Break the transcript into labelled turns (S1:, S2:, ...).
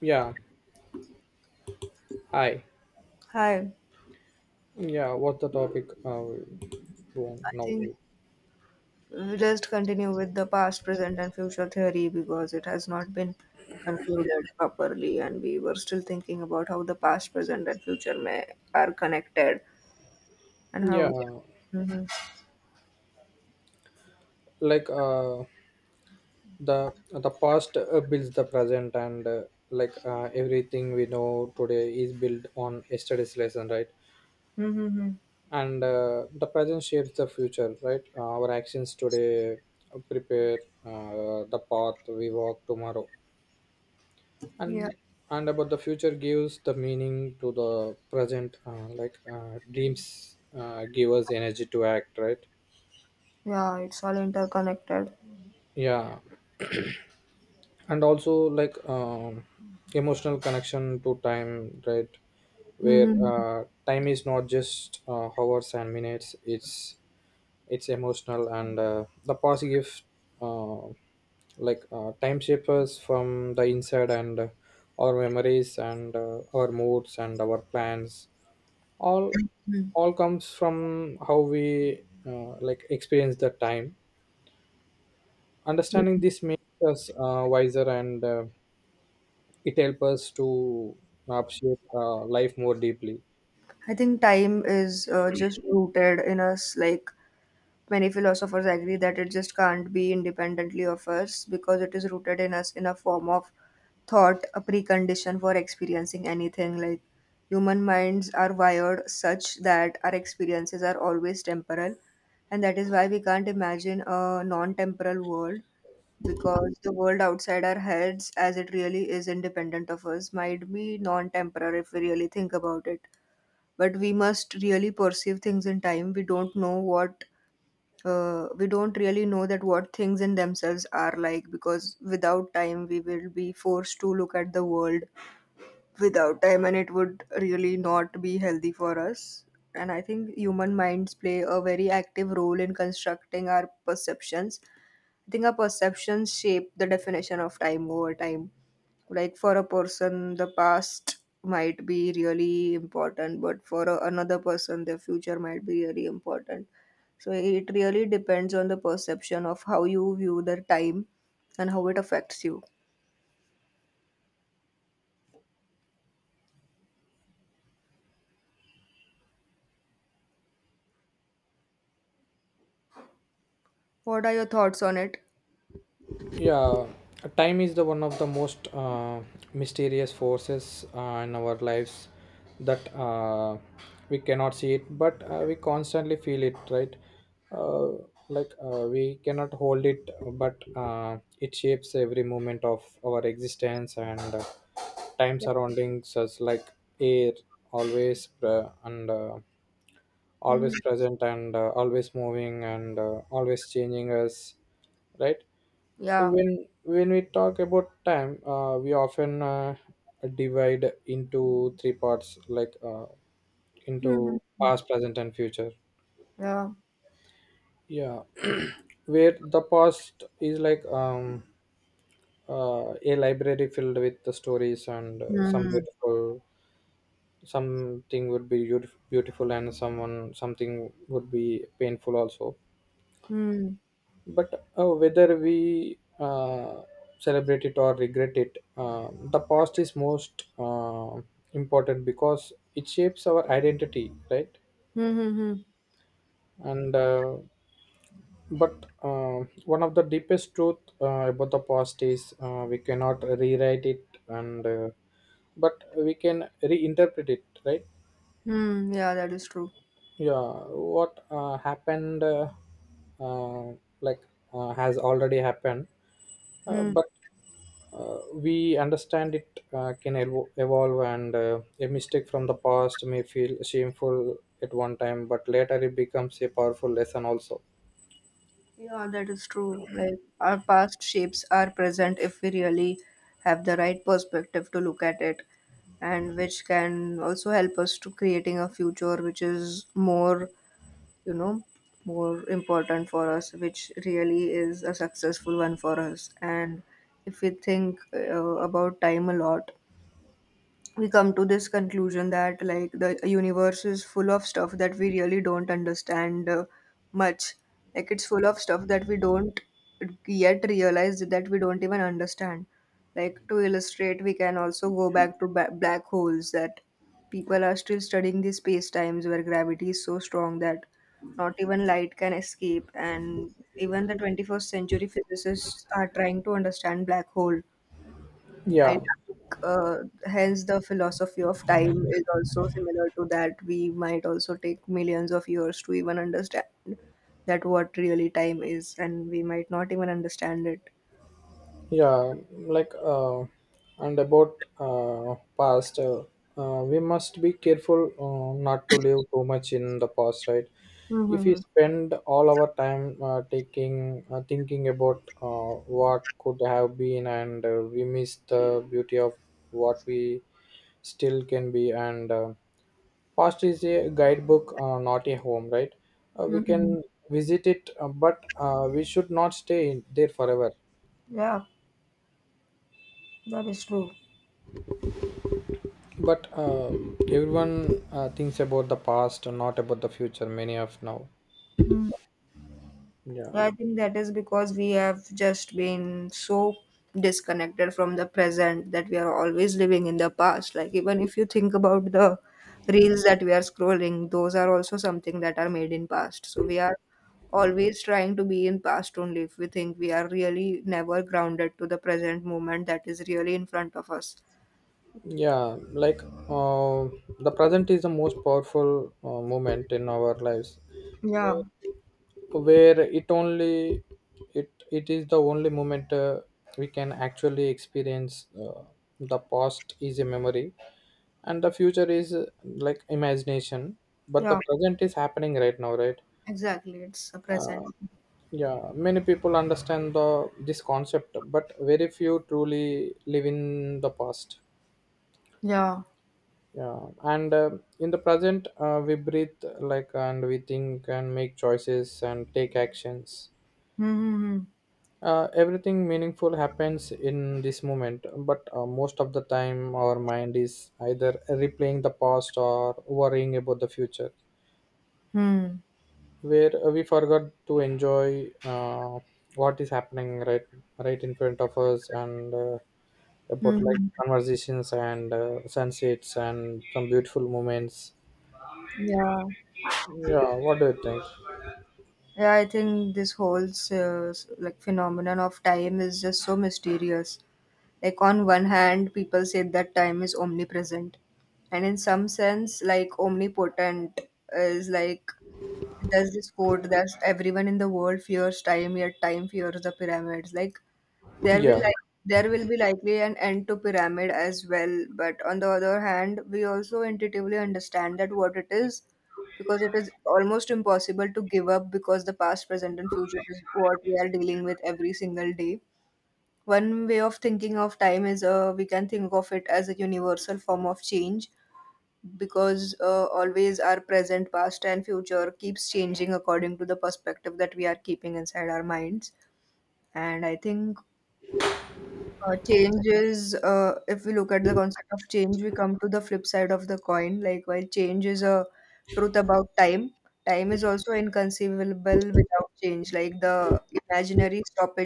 S1: Yeah, hi.
S2: Hi,
S1: Yeah, what's the topic you
S2: I
S1: want now?
S2: think we just continue with the past, present, and future theory because it has not been concluded properly, and we were still thinking about how the past, present, and future may are connected and how
S1: Yeah,
S2: they. Mm-hmm.
S1: like uh, the past builds the present, and everything we know today is built on yesterday's lesson, right?
S2: Mm-hmm.
S1: And the present shapes the future, right? Our actions today prepare the path we walk tomorrow.
S2: Yeah,
S1: and and about the future gives the meaning to the present, dreams give us energy to act, right
S2: yeah, it's all interconnected.
S1: yeah and also emotional connection to time, right? Where
S2: hmm
S1: time is not just hours and minutes. It's emotional, and the past gives uh, time shapers from the inside, and our memories and our moods and our plans all all comes from how we experience the time. Understanding this makes us wiser, and it helps us to appreciate life more deeply.
S2: I think time is just rooted in us, like many philosophers agree that it just can't be independently of us because it is rooted in us in a form of thought, a precondition for experiencing anything. Like human minds are wired such that our experiences are always temporal, and that is why we can't imagine a non temporal world because the world outside our heads, as it really is independent of us, might be non temporal if we really think about it. But we must really perceive things in time. We don't know what we don't really know that what things in themselves are like, because without time we will be forced to look at the world without time, and it would really not be healthy for us. And I think human minds play a very active role in constructing our perceptions. I think our perceptions shape the definition of time over time. Like, for a person, the past might be really important, but for another person, their future might be really important. So it really depends on the perception of how you view the time and how it affects you. What are your thoughts on it?
S1: Yeah, time is the one of the most mysterious forces in our lives, that we cannot see it, but we constantly feel it, right? Uh, we cannot hold it, but it shapes every moment of our existence, and time surrounding us, like air, always pre- and uh,
S2: Mhm.
S1: always present, and always moving, and always changing us, right?
S2: Yeah.
S1: When we talk about time, we often divide into three parts, into
S2: Mhm.
S1: past, present and future.
S2: Yeah.
S1: Yeah, where the past is like a library filled with the stories, and some
S2: Hmm.
S1: beautiful, something would be beautiful, and someone something would be painful also.
S2: Hmm. Hmm.
S1: But whether we celebrate it or regret it, the past is most important because it shapes our identity, right?
S2: Hmm. Hmm.
S1: And but one of the deepest truth about the past is, we cannot rewrite it, and but we can reinterpret it, right?
S2: Hmm. Yeah, that is true.
S1: Yeah, what happened, uh, like has already happened,
S2: Mm-hmm.
S1: but we understand it can evolve, and a mistake from the past may feel shameful at one time, but later it becomes a powerful lesson also.
S2: Yeah, that is true. Like, our past shapes our present if we really have the right perspective to look at it, and which can also help us to creating a future which is more, you know, more important for us, which really is a successful one for us. And if we think about time a lot, we come to this conclusion that like the universe is full of stuff that we really don't understand much, like it's full of stuff that we don't yet realize that we don't even understand. Like, to illustrate, we can also go back to black holes, that people are still studying the space times where gravity is so strong that not even light can escape, and even the 21st century physicists are trying to understand black hole. I
S1: yeah
S2: think, hence the philosophy of time is also similar to that. We might also take millions of years to even understand that what really time is, and we might not even understand it.
S1: yeah like uh, and about past, we must be careful not to live too much in the past, right? If we
S2: Mm-hmm.
S1: spend all our time, taking thinking about what could have been, and we miss the beauty of what we still can be, and past is a guidebook, not a home, right? We can visit it, but we should not stay in there forever.
S2: Yeah, that is true.
S1: But everyone thinks about the past and not about the future. Many of now. Yeah,
S2: So, I think that is because we have just been so disconnected from the present that we are always living in the past. Like, even if you think about the reels that we are scrolling, those are also something that are made in past. So, we are always trying to be in past only, if we think we are really never grounded to the present moment that is really in front of us.
S1: yeah. The present is the most powerful moment in our lives,
S2: Yeah,
S1: where, where it is the only moment we can actually experience. The past is a memory, and the future is, imagination. But the
S2: yeah,
S1: present is happening right now, right?
S2: exactly. It's a
S1: Uh,
S2: present.
S1: Yeah, many people understand the this concept, but very few truly live in the past.
S2: Yeah.
S1: Yeah, and in the present, we breathe, like, and we think, and make choices, and take actions.
S2: Mm-hmm.
S1: Everything meaningful happens in this moment, but most of the time, our mind is either replaying the past or worrying about the future,
S2: Hmm.
S1: where we forgot to enjoy what is happening right in front of us. And. About like
S2: Hmm.
S1: conversations, and sunsets, and some beautiful moments.
S2: Yeah.
S1: Yeah, what do you think?
S2: Yeah, I think this whole like phenomenon of time is just so mysterious. Like, on one hand, people say that time is omnipresent, and in some sense, like omnipotent. Is like there's this quote that everyone in the world fears time, yet time fears the pyramids. Like there will
S1: Yeah.
S2: like there will be likely an end to pyramid as well, but on the other hand, we also intuitively understand that what it is, because it is almost impossible to give up because the past, present, and future is what we are dealing with every single day. One way of thinking of time is, we can think of it as a universal form of change, because always our present, past, and future keeps changing according to the perspective that we are keeping inside our minds. And I think change is, if we look at the concept of change, we come to the flip side of the coin. Like, while change is a truth about time, time is also inconceivable without change. Like, the imaginary stoppage